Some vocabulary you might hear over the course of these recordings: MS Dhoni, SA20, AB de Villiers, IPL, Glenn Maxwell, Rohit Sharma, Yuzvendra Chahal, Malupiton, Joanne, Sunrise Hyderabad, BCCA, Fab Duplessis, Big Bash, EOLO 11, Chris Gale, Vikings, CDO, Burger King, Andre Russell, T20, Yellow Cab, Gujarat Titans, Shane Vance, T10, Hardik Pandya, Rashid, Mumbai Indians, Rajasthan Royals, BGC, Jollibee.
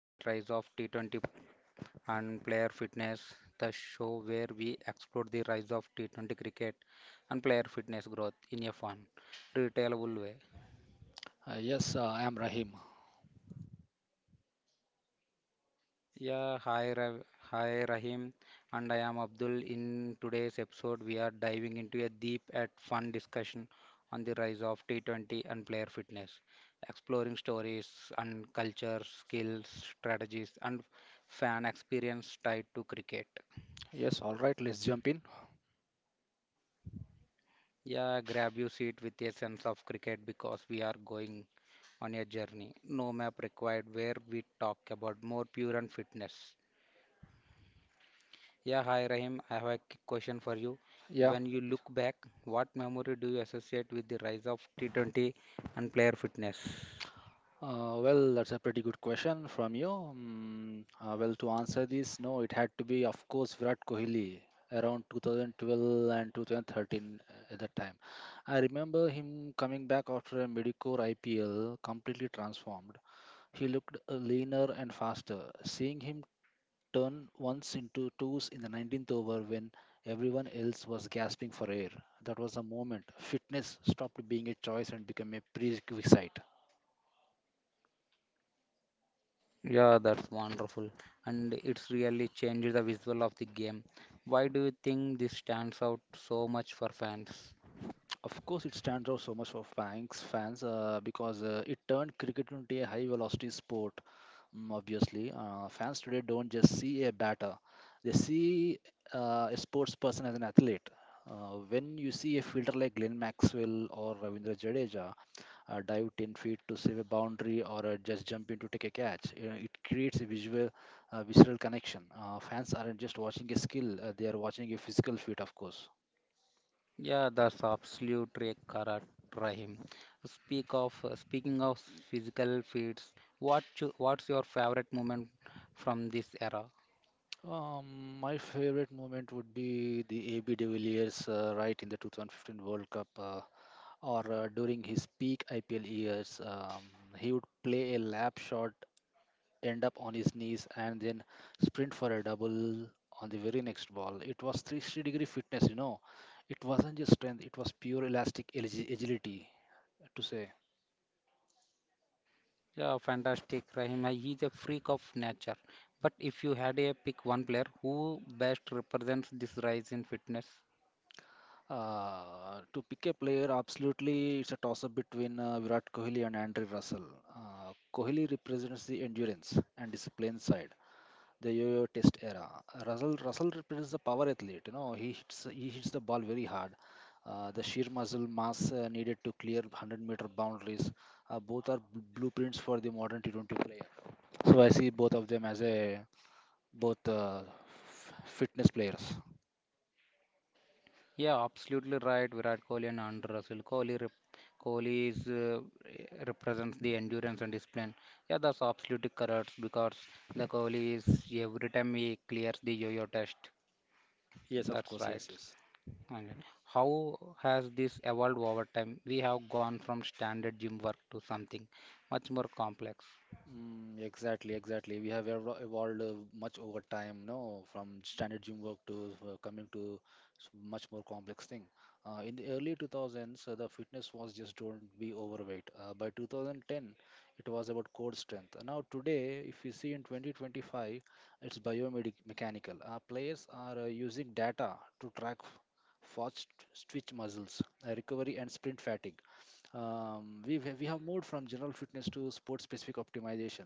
the Rise of T20 and Player Fitness, the show where we explore the rise of T20 cricket and player fitness growth in a fun, retailable way. Yes, I'm Rahim. Yeah, hi, hi Rahim, and I am Abdul. In today's episode, we are diving into a deep and fun discussion on the rise of T20 and player fitness, exploring stories and culture, skills, strategies, and fan experience tied to cricket. Yes, all right, let's jump in. Yeah, grab your seat with a sense of cricket because we are going on a journey. No map required where we talk about more pure and fitness. Yeah, hi Rahim, I have a quick question for you. Yeah. When you look back, what memory do you associate with the rise of T20 and player fitness? Well, that's a pretty good question from you. Well, to answer this, no, it had to be, of course, Virat Kohli around 2012 and 2013 at that time. I remember him coming back after a mediocre IPL, completely transformed. He looked leaner and faster. Seeing him turn once into twos in the 19th over when everyone else was gasping for air. That was a moment. Fitness stopped being a choice and became a prerequisite. Yeah, that's wonderful. And it's really changed the visual of the game. Why do you think this stands out so much for fans? Of course, it stands out so much for Banks fans because it turned cricket into a high velocity sport. Obviously, fans today don't just see a batter, they see a sports person as an athlete. When you see a fielder like Glenn Maxwell or Ravindra Jadeja, dive 10 feet to save a boundary, or just jump in to take a catch. You know, it creates a visceral connection. Fans aren't just watching a skill, they are watching a physical feat, of course. Yeah, that's absolutely correct, Rahim. Speaking of physical feats, what's your favorite moment from this era? My favorite moment would be the AB de Villiers right in the 2015 World Cup or during his peak IPL years. He would play a lap shot, end up on his knees and then sprint for a double on the very next ball. It was 360 degree fitness, you know. It wasn't just strength, it was pure elastic agility, to say. Yeah, fantastic, Rahim. He's a freak of nature. But if you had a pick one player who best represents this rise in fitness, To pick a player, absolutely, it's a toss up between Virat Kohli and Andre Russell. Kohli represents the endurance and discipline side, the yo-yo test era. Russell represents the power athlete. You know, he hits the ball very hard. The sheer muscle mass needed to clear 100-meter boundaries. Both are blueprints for the modern T20 player. So I see both of them as both uh, fitness players. yeah, absolutely right. Virat Kohli and Andre Russell. Kohli is, represents the endurance and discipline. Yeah, that's absolutely correct because the Kohli is every time he clears the yo-yo test. Yes, of That's course. right. Yes. Okay. How has this evolved over time? We have gone from standard gym work to something much more complex. Exactly. We have evolved much over time, no, from standard gym work to uh, coming to much more complex thing. In the early 2000s, the fitness was just don't be overweight. By 2010, it was about core strength. Now today, if you see in 2025, it's biomechanical. Players are using data to track fast twitch muscles, recovery, and sprint fatigue. We have moved from general fitness to sport-specific optimization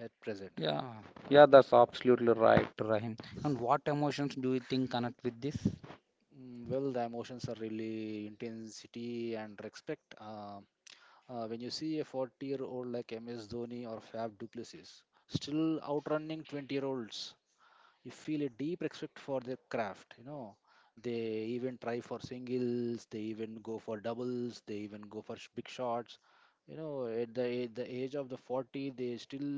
at present. Yeah, yeah, that's absolutely right, Rahim. And what emotions do you think connect with this? Well, the emotions are really intensity and respect. When you see a 40-year-old like MS Dhoni or Fab Duplessis still outrunning 20-year-olds, you feel a deep respect for their craft. You know, they even try for singles, they even go for doubles, they even go for big shots. You know, at the age of the 40, they still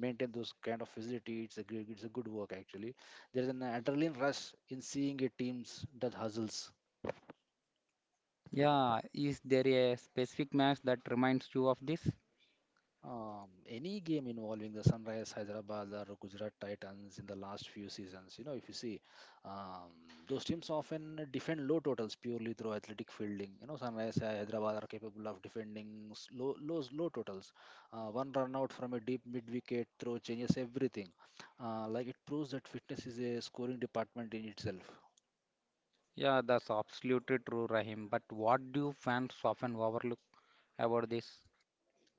maintain those kind of facility. It's a good work actually. There is an adrenaline rush in seeing a teams that hustles. Yeah, is there a specific match that reminds you of this? Any game involving the Sunrise Hyderabad or Gujarat Titans in the last few seasons, you know, if you see, um, those teams often defend low totals purely through athletic fielding. You know, Sunrise Hyderabad are capable of defending low totals. One run out from a deep mid wicket throw changes everything. Like it proves that fitness is a scoring department in itself. Yeah, that's absolutely true, Rahim. But what do fans often overlook about this?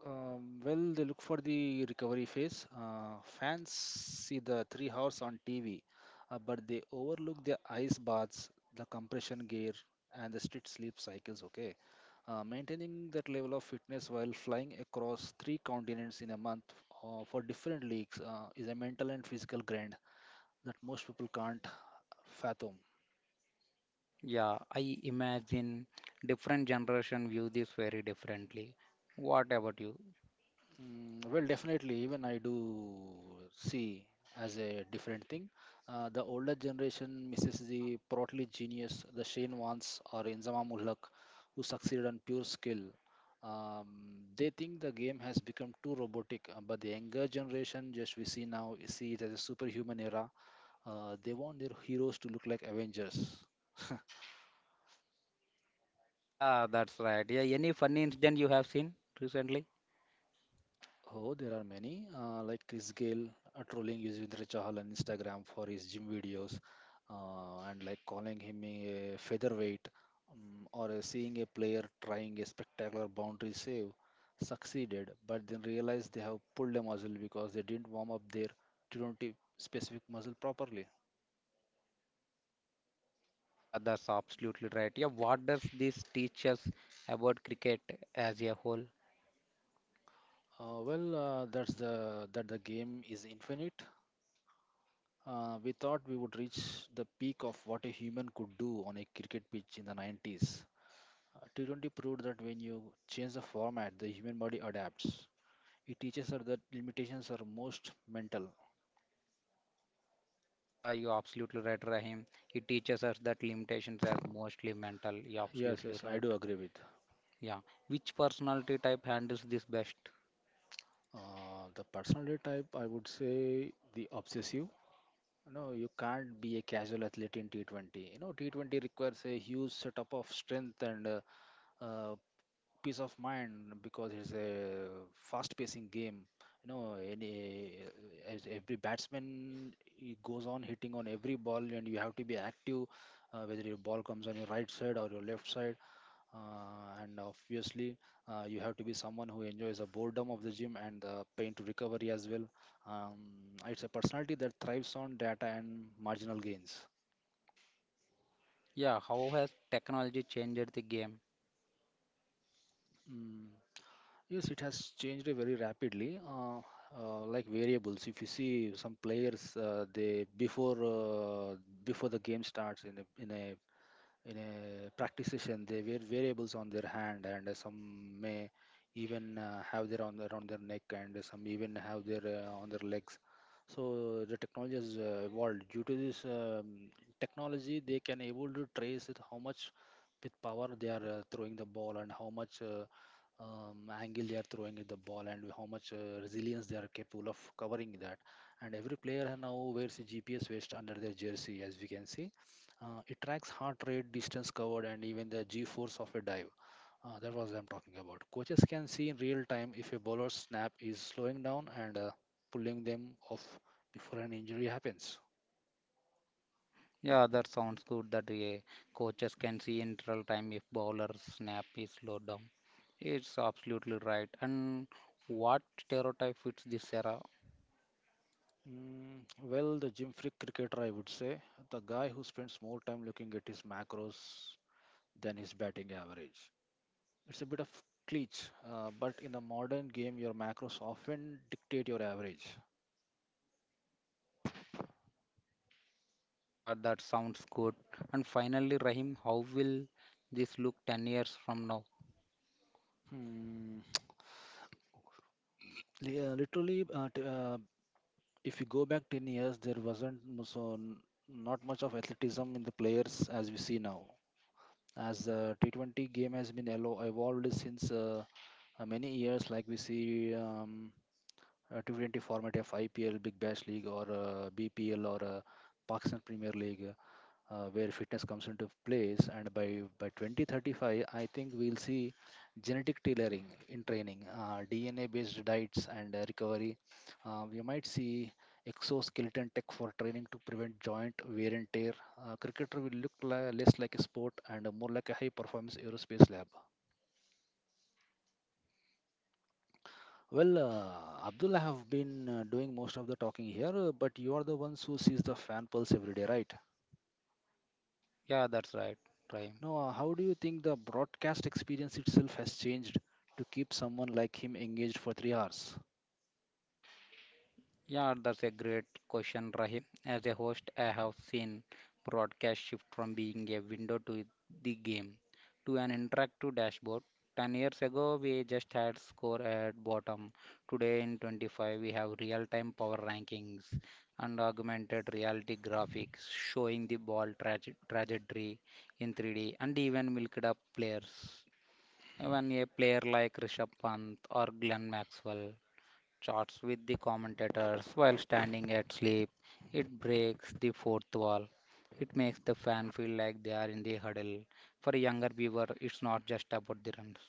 Well, they look for the recovery phase. Fans see the 3 hours on TV, but they overlook the ice baths, the compression gear, and the strict sleep cycles. Okay, maintaining that level of fitness while flying across three continents in a month for different leagues is a mental and physical grind that most people can't fathom. Yeah, I imagine different generation view this very differently. What about you? Well, definitely, even I do see as a different thing. The older generation misses the portly genius, the Shane Vance or Inzamam ul Haq, who succeeded on pure skill. Um, they think the game has become too robotic, but the younger generation, just we see now, see it as a superhuman era. They want their heroes to look like Avengers. Yeah, that's right. Yeah, any funny incident you have seen recently? Oh, there are many, like Chris Gale trolling Yuzvendra Chahal on Instagram for his gym videos, and like calling him a featherweight, or seeing a player trying a spectacular boundary save, succeeded, but then realized they have pulled a muscle because they didn't warm up their T20 specific muscle properly. Yeah, that's absolutely right. Yeah, what does this teach us about cricket as a whole? That's the that the game is infinite. We thought we would reach the peak of what a human could do on a cricket pitch in the 90s. T20 proved that when you change the format, the human body adapts. It teaches us that limitations are most mental. Yeah, you're absolutely right, Rahim. It teaches us that limitations are mostly mental. You're Yes, absolutely yes, I right. do agree with. Yeah. Which personality type handles this best? The personality type, I would say the obsessive. No, you can't be a casual athlete in T20. You know, T20 requires a huge setup of strength and uh, peace of mind because it's a fast-pacing game. You know, any as every batsman he goes on hitting on every ball, and you have to be active, whether your ball comes on your right side or your left side. And obviously, you have to be someone who enjoys the boredom of the gym and the pain to recovery as well. Um, it's a personality that thrives on data and marginal gains. Yeah. How has technology changed the game? Mm. Yes, it has changed very rapidly. Like variables, if you see some players, they before before the game starts in a practice session, they wear variables on their hand, and some may even have their on around their neck, and some even have their on their legs. So the technology has evolved due to this. Technology, they can able to trace it how much with power they are throwing the ball, and how much angle they are throwing at the ball, and how much resilience they are capable of covering that. And every player now wears a gps vest under their jersey, as we can see. It tracks heart rate, distance covered, and even the g-force of a dive. That was what I'm talking about. Coaches can see in real time if a bowler's snap is slowing down and pulling them off before an injury happens. Yeah, that sounds good that coaches can see in real time if bowler snap is slowed down. It's absolutely right. And what stereotype fits this era? Well, the gym freak cricketer, I would say, the guy who spends more time looking at his macros than his batting average. It's a bit of cliche, but in the modern game, your macros often dictate your average. Yeah, that sounds good. And finally, Rahim, how will this look 10 years from now? Hmm. Literally, if you go back 10 years, there wasn't not much of athleticism in the players as we see now, as the t20 game has been evolved since many years. Like we see a t20 format of ipl big bash league or bpl or pakistan premier league, where fitness comes into place. And by 2035 I think we'll see genetic tailoring in training, dna based diets and recovery. We might see exoskeleton tech for training to prevent joint wear and tear. Cricketer will look less like a sport and more like a high performance aerospace lab. Well, Abdul, I have been doing most of the talking here, but you are the ones who sees the fan pulse every day, right? Yeah, that's right, Rahim. Now, how do you think the broadcast experience itself has changed to keep someone like him engaged for 3 hours? Yeah, that's a great question, Rahim. As a host, I have seen broadcast shift from being a window to the game to an interactive dashboard. 10 years ago, we just had score at bottom. Today, in 25, we have real time power rankings and augmented reality graphics showing the ball trajectory in 3D and even milked up players. Even a player like Rishabh Pant or Glenn Maxwell chats with the commentators while standing at sleep. It breaks the fourth wall. It makes the fan feel like they are in the huddle. For a younger viewer, it's not just about the runs.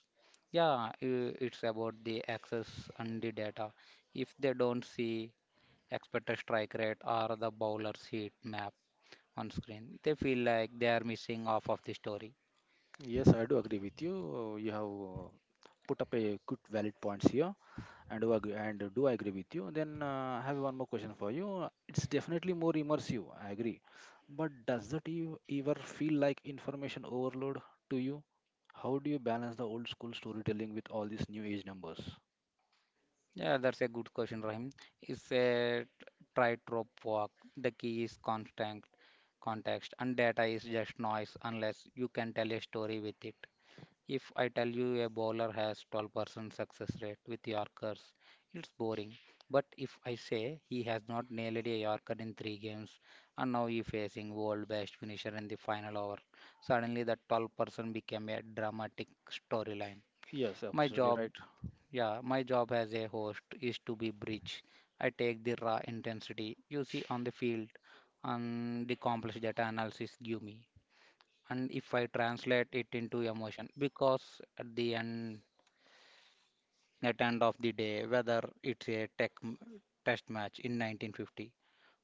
Yeah, it's about the access and the data. If they don't see expected strike rate or the bowler's heat map on screen, they feel like they are missing off of the story. Yes, I do agree with you. You have put up a good valid points here, and do agree with you. Then I have one more question for you. It's definitely more immersive. I agree, but does that you ever feel like information overload to you? How do you balance the old school storytelling with all these new age numbers? Yeah, that's a good question, Rahim. It's a try trope walk. The key is constant context, and data is just noise unless you can tell a story with it. If I tell you a bowler has 12% success rate with Yorkers, it's boring. But if I say he has not nailed a Yorker in three games and now he's facing world best finisher in the final over, suddenly that 12% became a dramatic storyline. Yes, My absolutely job right. yeah, my job as a host is to be bridge. I take the raw intensity you see on the field and the complex data analysis give me. And if I translate it into emotion, because at the end, at end of the day, whether it's a test match in 1950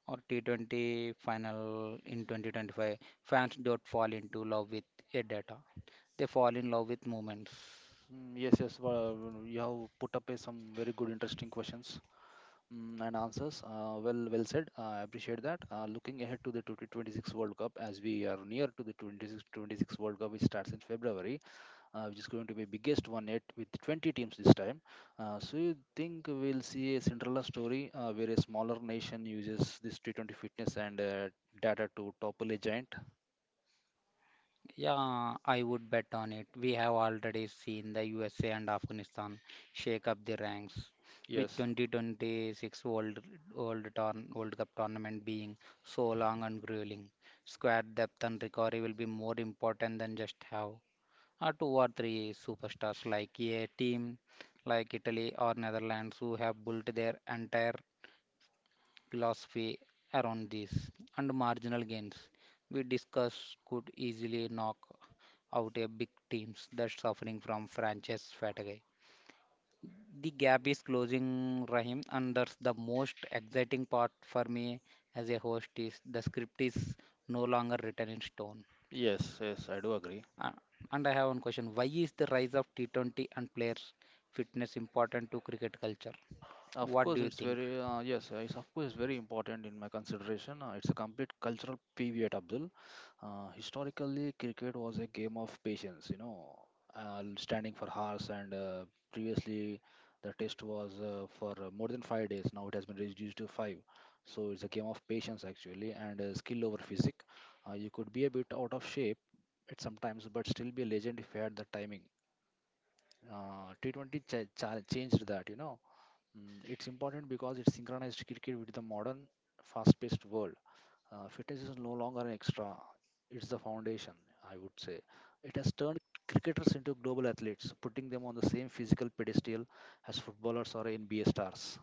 or T20 final in 2025, fans don't fall into love with a data. They fall in love with moments. Yes. Well, you have put up some very good, interesting questions and answers. Well said. I appreciate that. Looking ahead to the 2026 World Cup, as we are near to the 2026 World Cup, which starts in February, which is going to be biggest one yet with 20 teams this time. So you think we'll see a Cinderella story where a smaller nation uses this T20 fitness and data to topple a giant? Yeah, I would bet on it. We have already seen the USA and Afghanistan shake up the ranks, with Yes, 2026 World Cup tournament being so long and grueling. Squad depth and recovery will be more important than just have two or three superstars like a team like Italy or Netherlands who have built their entire philosophy around this and marginal gains we discussed could easily knock out a big teams that's suffering from franchise fatigue. The gap is closing, Rahim, and that's the most exciting part for me as a host is the script is no longer written in stone. yes, I do agree. Uh, and I have one question: why is the rise of T20 and players' fitness important to cricket culture? Of What do course, you it's think? very It's of course very important in my consideration. It's a complete cultural pivot, Abdul. Historically, cricket was a game of patience. You know, standing for hours, and previously the test was for more than 5 days. Now it has been reduced to five. So it's a game of patience actually, and skill over physic. You could be a bit out of shape at sometimes, but still be a legend if you had the timing. Changed that. You know. It's important because it synchronized cricket with the modern, fast-paced world. Fitness is no longer an extra; it's the foundation, I would say. It has turned cricketers into global athletes, putting them on the same physical pedestal as footballers or NBA stars.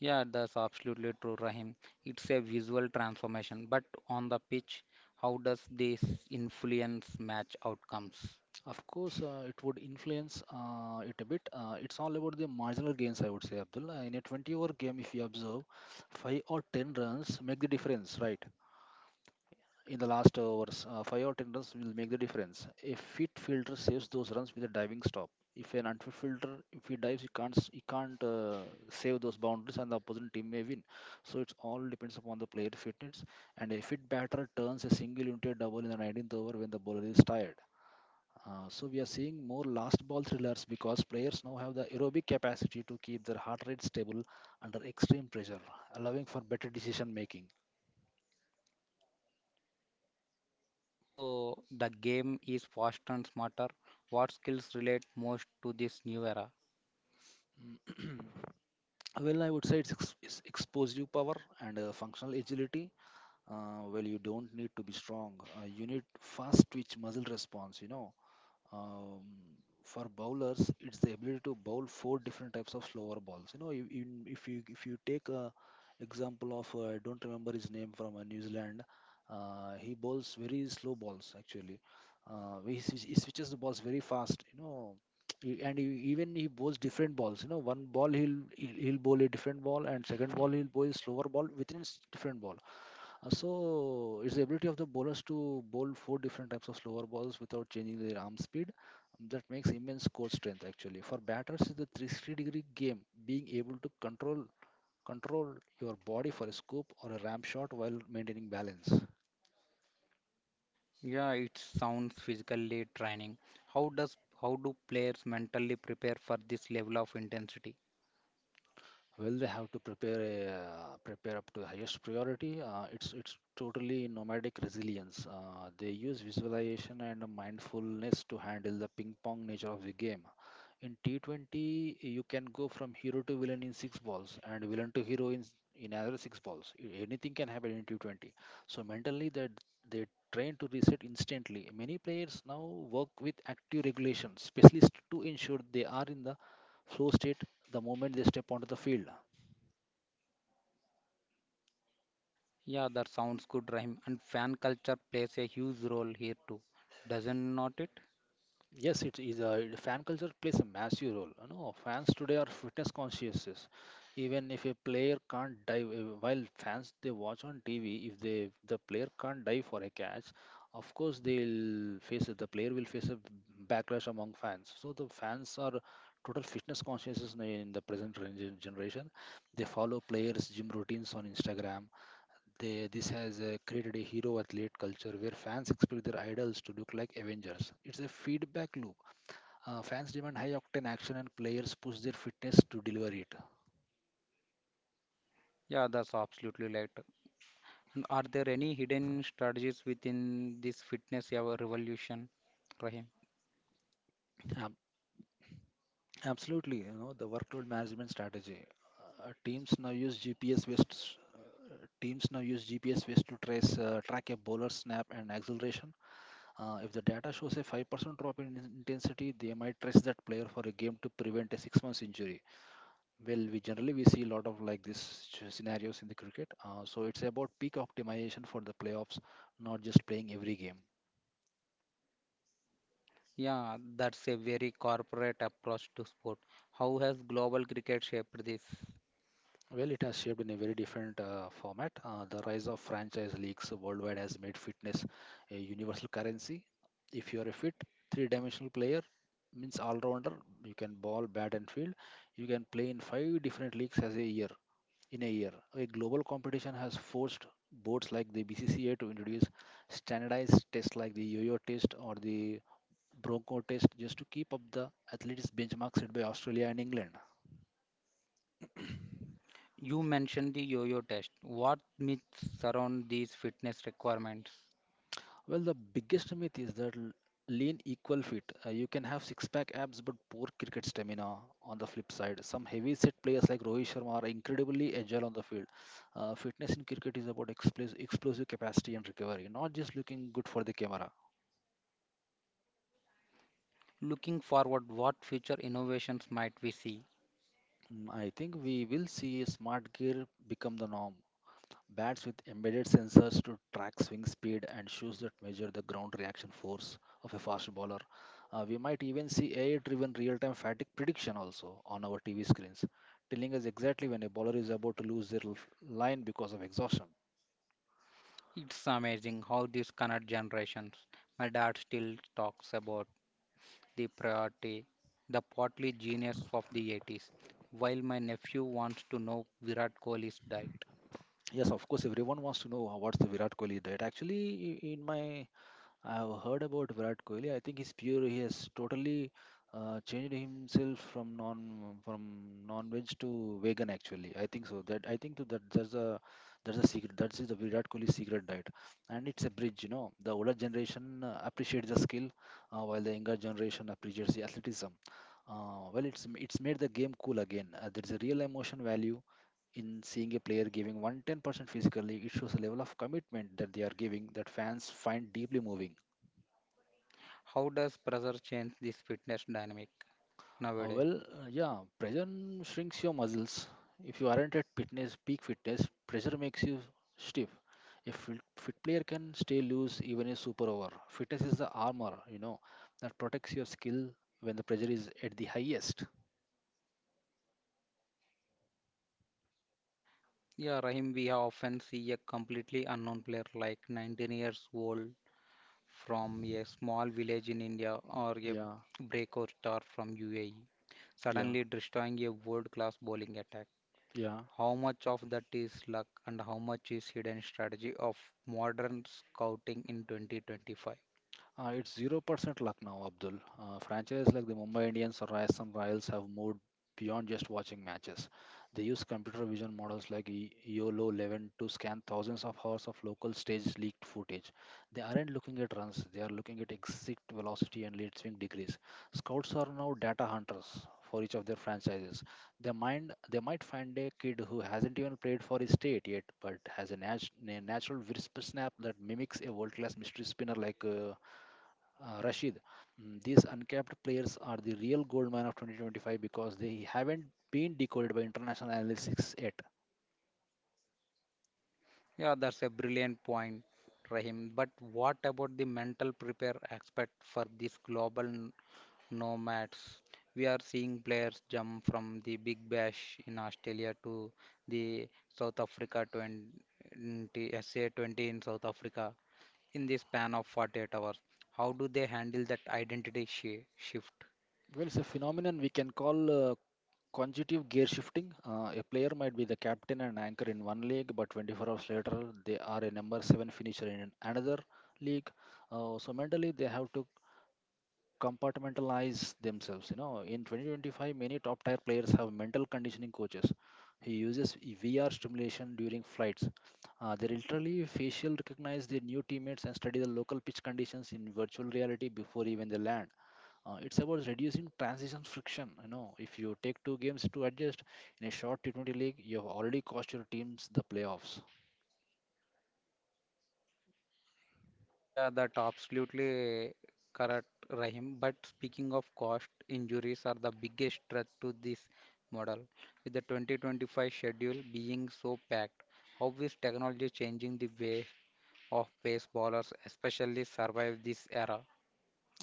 Yeah, that's absolutely true, Rahim. It's a visual transformation, but on the pitch, how does this influence match outcomes? Of course, it would influence it a bit. It's all about the marginal gains, I would say, Abdul. In a 20-over game, if you observe, five or ten runs make the difference, right? In the last overs. 5 or 10 runs will make the difference. A fit fielder saves those runs with a diving stop. If an unfit fielder, if he dives, he can't save those boundaries, and the opposing team may win. So it's all depends upon the player fitness. And a fit batter turns a single into a double in the 19th over when the bowler is tired. So we are seeing more last ball thrillers because players now have the aerobic capacity to keep their heart rate stable under extreme pressure, allowing for better decision making. So the game is faster and smarter. What skills relate most to this new era? Well, I would say it's expose you power and functional agility. Well, you don't need to be strong. You need fast twitch muscle response. You know, um, for bowlers it's the ability to bowl four different types of slower balls, you know. If you if you take a example of I don't remember his name from New Zealand. He bowls very slow balls actually. He switches the balls very fast, you know. And he, even he bowls different balls, you know. One ball he'll bowl a different ball, and second ball he'll bowl a slower ball different ball. So it's the ability of the bowlers to bowl four different types of slower balls without changing their arm speed. That makes immense core strength actually. For batters, it's a 360-degree game, being able to control your body for a scoop or a ramp shot while maintaining balance. Yeah, it sounds physically training. How does how do players mentally prepare for this level of intensity? Well, they have to prepare up to the highest priority. It's totally nomadic resilience. They use visualization and mindfulness to handle the ping pong nature of the game. In T20, you can go from hero to villain in six balls and villain to hero in another six balls. Anything can happen in T20. So mentally, they train to reset instantly. Many players now work with active regulations, specialists to ensure they are in the flow state the moment they step onto the field. Yeah, that sounds good, Rahim. And fan culture plays a huge role here too, doesn't not it? Yes, it is a fan culture plays a massive role. You know, fans today are fitness conscious. Even if a player can't dive, while fans they watch on TV, if they the player can't dive for a catch, of course they'll face it. The player will face a backlash among fans. So the fans are total fitness conscious in the present generation. They follow players' gym routines on Instagram. They, this has created a hero athlete culture where fans expect their idols to look like Avengers. It's a feedback loop. Fans demand high octane action, and players push their fitness to deliver it. Yeah, that's absolutely right. Are there any hidden strategies within this fitness ever revolution, Rahim? Ab- absolutely, you know, the workload management strategy. Uh, teams now use GPS based s- uh, Teams now use GPS based to trace track a bowler's snap and acceleration. If the data shows a 5% drop in intensity, they might trace that player for a game to prevent a 6 months injury. Well, we generally we see a lot of like this scenarios in the cricket. So it's about peak optimization for the playoffs, not just playing every game. Yeah, that's a very corporate approach to sport. How has global cricket shaped this? Well, it has shaped in a very different format. The rise of franchise leagues worldwide has made fitness a universal currency. If you are a fit, three-dimensional player means all-rounder. You can ball, bat, and field. You can play in five different leagues as a year. In a year. A global competition has forced boards like the BCCA to introduce standardized tests like the yo-yo test or the bronco test just to keep up the athletics benchmark set by Australia and England. You mentioned the yo-yo test. What myths surround these fitness requirements? Well, the biggest myth is that lean equal fit. You can have six-pack abs but poor cricket stamina. On the flip side, some heavy-set players like Rohit Sharma are incredibly agile on the field. Fitness in cricket is about explosive capacity and recovery, not just looking good for the camera. Looking forward, what future innovations might we see? I think we will see smart gear become the norm. Bats with embedded sensors to track swing speed and shoes that measure the ground reaction force of a fast bowler. We might even see AI driven real time fatigue prediction also on our TV screens, telling us exactly when a bowler is about to lose their line because of exhaustion. It's amazing how these connect generations. My dad still talks about the priority, the potly genius of the 80's, while my nephew wants to know Virat Kohli's diet. Yes, of course, everyone wants to know what's the Virat Kohli diet. Actually, in my I've heard about Virat Kohli. I think he's pure. He has totally changed himself from non-veg to vegan. Actually, I think so. That I think so that's a secret. That is the Virat Kohli secret diet, and it's a bridge. You know, the older generation appreciates the skill, while the younger generation appreciates the athleticism. It's made the game cool again. There's a real emotion value in seeing a player giving 110% physically. It shows a level of commitment that they are giving that fans find deeply moving. How does pressure change this fitness dynamic Uh, nowadays? well, uh, yeah, pressure shrinks your muscles. If you aren't at fitness, peak fitness, pressure makes you stiff. A fit player can stay loose even a super over. Fitness is the armor, you know, that protects your skill when the pressure is at the highest. Yeah, Rahim, we have often see a completely unknown player like 19 years old from a small village in India or a Yeah, breakout star from UAE, yeah, suddenly destroying a world-class bowling attack. yeah. How much of that is luck and how much is hidden strategy of modern scouting in 2025? It's 0% luck now, Abdul. Franchises like the Mumbai Indians or Rajasthan Royals have moved beyond just watching matches. They use computer vision models like EOLO 11 to scan thousands of hours of local stage leaked footage. They aren't looking at runs, they are looking at exit velocity and lead swing degrees. Scouts are now data hunters for each of their franchises. They might find a kid who hasn't even played for his state yet, but has a natural wrist snap that mimics a world class mystery spinner like. Rashid, these uncapped players are the real goldmine of 2025 because they haven't been decoded by international analytics yet. Yeah, that's a brilliant point, Rahim. But what about the mental prepare aspect for these global nomads? We are seeing players jump from the Big Bash in Australia to the SA20 in South Africa in the span of 48 hours. How do they handle that shift? Well, it's a phenomenon we can call conjunctive gear shifting. A player might be the captain and anchor in one league, but 24 hours later, they are a number seven finisher in another league. So mentally, they have to compartmentalize themselves. You know, in 2025, many top tier players have mental conditioning coaches who uses VR stimulation during flights. They literally facial recognize their new teammates and study the local pitch conditions in virtual reality before even they land. It's about reducing transition friction. You know, if you take two games to adjust in a short T20 league, you have already cost your teams the playoffs. Yeah, that absolutely correct, Rahim. But speaking of cost, injuries are the biggest threat to this model. With the 2025 schedule being so packed, how is technology changing the way of pace bowlers, especially survive this era?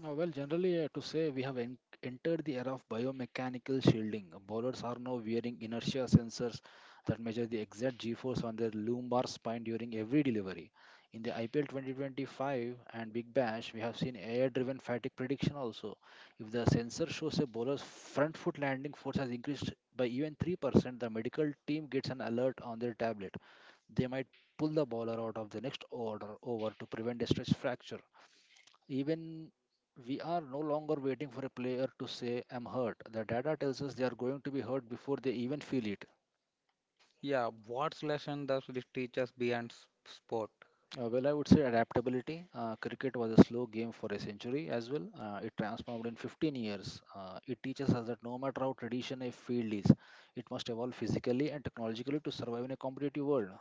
To say we have entered the era of biomechanical shielding. Bowlers are now wearing inertia sensors that measure the exact G force on their lumbar spine during every delivery. In the IPL 2025 and Big Bash, we have seen AI driven fatigue prediction also. If the sensor shows a bowler's front foot landing force has increased by even 3%, the medical team gets an alert on their tablet. They might pull the bowler out of the next order over to prevent a stress fracture. Even we are no longer waiting for a player to say, I'm hurt. The data tells us they are going to be hurt before they even feel it. Yeah, what's lesson does this teach us beyond sport? Well, I would say adaptability. Cricket was a slow game for a century as well. It transformed in 15 years. It teaches us that no matter how traditional a field is, it must evolve physically and technologically to survive in a competitive world.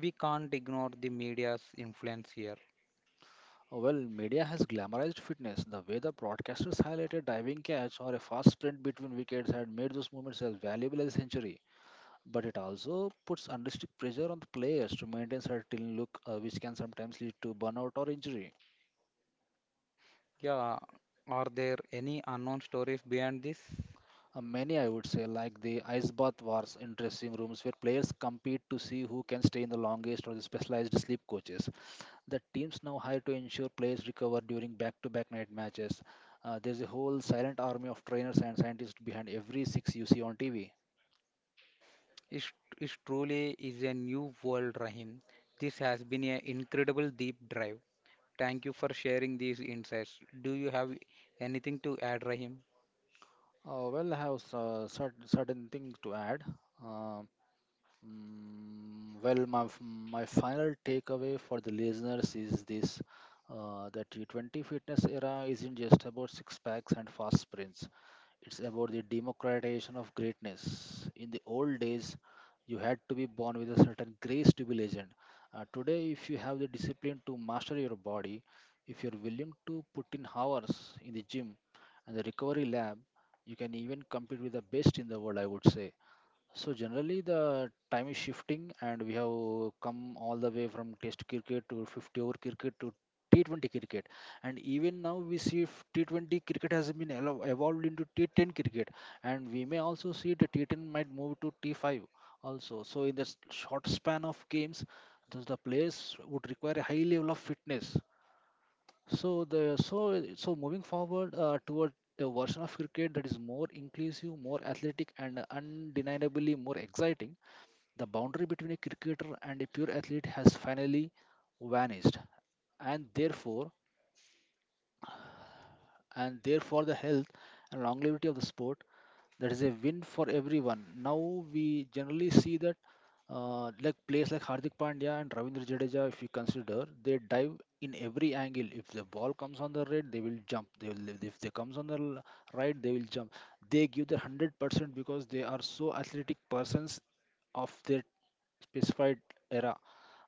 We can't ignore the media's influence here. Well, media has glamorized fitness. The way the broadcasters highlighted diving catch or a fast sprint between wickets had made those moments as valuable as a century, but it also puts unrealistic pressure on the players to maintain certain look, which can sometimes lead to burnout or injury. Yeah, are there any unknown stories behind this? Many, I would say, like the ice bath wars in dressing rooms, where players compete to see who can stay in the longest, or the specialized sleep coaches that teams now hire to ensure players recover during back-to-back night matches. There's a whole silent army of trainers and scientists behind every six you see on TV. It, it truly is a new world, Rahim. This has been an incredible deep drive. Thank you for sharing these insights. Do you have anything to add, Rahim? Well, I have certain things to add. Um well, my final takeaway for the listeners is this: the T20 fitness era isn't just about six packs and fast sprints, it's about the democratization of greatness. In the old days, you had to be born with a certain grace to be legend. Today, if you have the discipline to master your body, if you're willing to put in hours in the gym and the recovery lab, you can even compete with the best in the world, I would say. So generally the time is shifting and we have come all the way from test cricket to 50 over cricket to T20 cricket, and even now we see if T20 cricket has been evolved into T10 cricket, and we may also see the T10 might move to T5 also. So in the short span of games, thus the players would require a high level of fitness. So the so so moving forward toward a version of cricket that is more inclusive, more athletic, and undeniably more exciting, the boundary between a cricketer and a pure athlete has finally vanished, and therefore and therefore the health and longevity of the sport. That is a win for everyone. Now we generally see that like players like Hardik Pandya and Ravindra Jadeja, if you consider, they dive in every angle. If the ball comes on the right, they will jump. They will, if they comes on the right, they will jump. They give their 100% because they are so athletic persons of their specified era.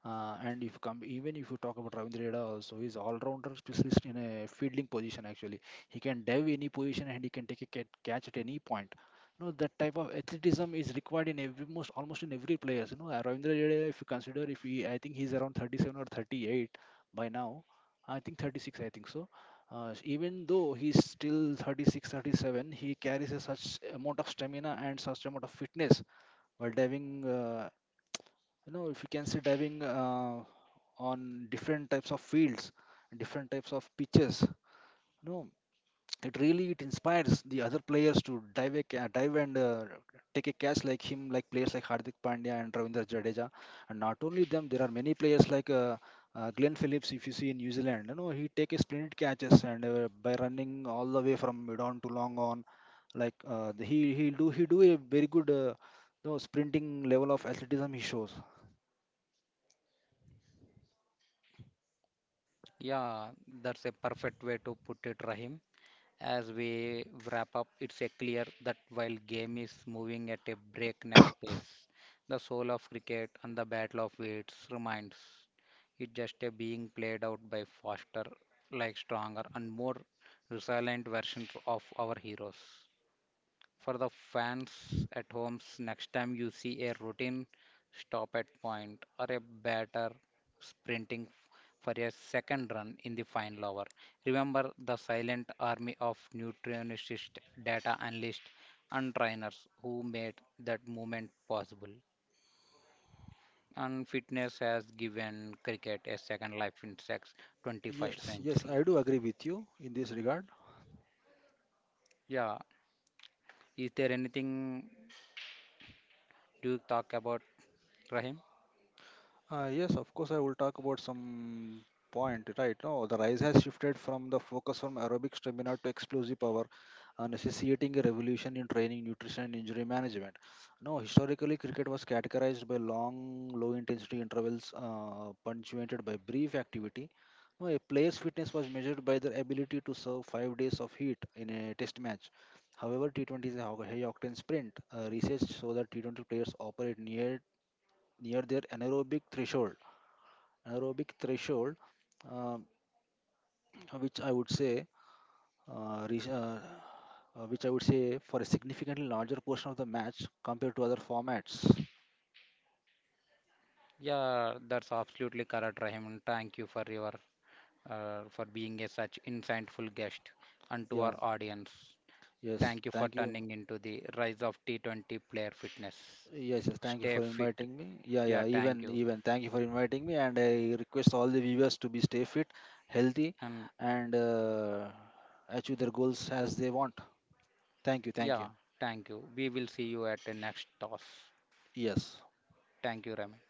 And if you come, even if you talk about Ravindra Jadeja also, he's all-rounder specialist in a fielding position. Actually, he can dive any position and he can take a catch at any point. You know that type of athleticism is required in every most almost in every players. You know, Ravindra Jadeja, if you consider, if he, I think he's around 37 or 38 by now. I think 36, I think so. Even though he's still 36, 37, he carries a such amount of stamina and such amount of fitness while diving. You know, if you can say diving. On different types of fields, different types of pitches, you know, it really, it inspires the other players to dive dive and take a catch like him, like players like Hardik Pandya and Ravindra Jadeja. And not only them, there are many players like Glenn Phillips. If you see in New Zealand, you know, he take a splendid catches, and by running all the way from mid on to long on, like, he do, he do a very good, you know, sprinting level of athleticism he shows. Yeah, that's a perfect way to put it, Rahim. As we wrap up, it's a clear that while game is moving at a breakneck pace, the soul of cricket and the battle of weights remains. It's just a being played out by faster, like stronger and more resilient versions of our heroes. For the fans at homes, next time you see a routine stop at point or a batter sprinting for a second run in the final over, remember the silent army of nutritionists, data analysts, and trainers who made that moment possible. And fitness has given cricket a second life in sex 21st Yes, yes, century. I do agree with you in this regard. Yeah, is there anything you talk about, Rahim? Yes, of course, I will talk about some point, right? No, the rise has shifted from the focus from aerobic stamina to explosive power, necessitating a revolution in training, nutrition, and injury management. No, historically, cricket was categorized by long, low-intensity intervals punctuated by brief activity. No, a player's fitness was measured by their ability to serve 5 days of heat in a test match. However, T20 is a high-octane sprint. Research shows that T20 players operate near their anaerobic threshold. Anaerobic threshold, uh, which I would say, reach, which I would say for a significantly larger portion of the match compared to other formats. Yeah, that's absolutely correct, Rahim. Thank you for your for being a such insightful guest and to our Yeah. audience. Yes. Thank you for Thank you. turning into the rise of T20 player fitness. Yes. Yes. Thank you Stay for fit. inviting me. Yeah. Yeah. Yeah, thank Even. you. Even. Thank you for inviting me, and I request all the viewers to be stay fit, healthy, And and achieve their goals as they want. Thank you. Thank you. yeah, thank you. We will see you at the next toss. Yes. Thank you, Rahim.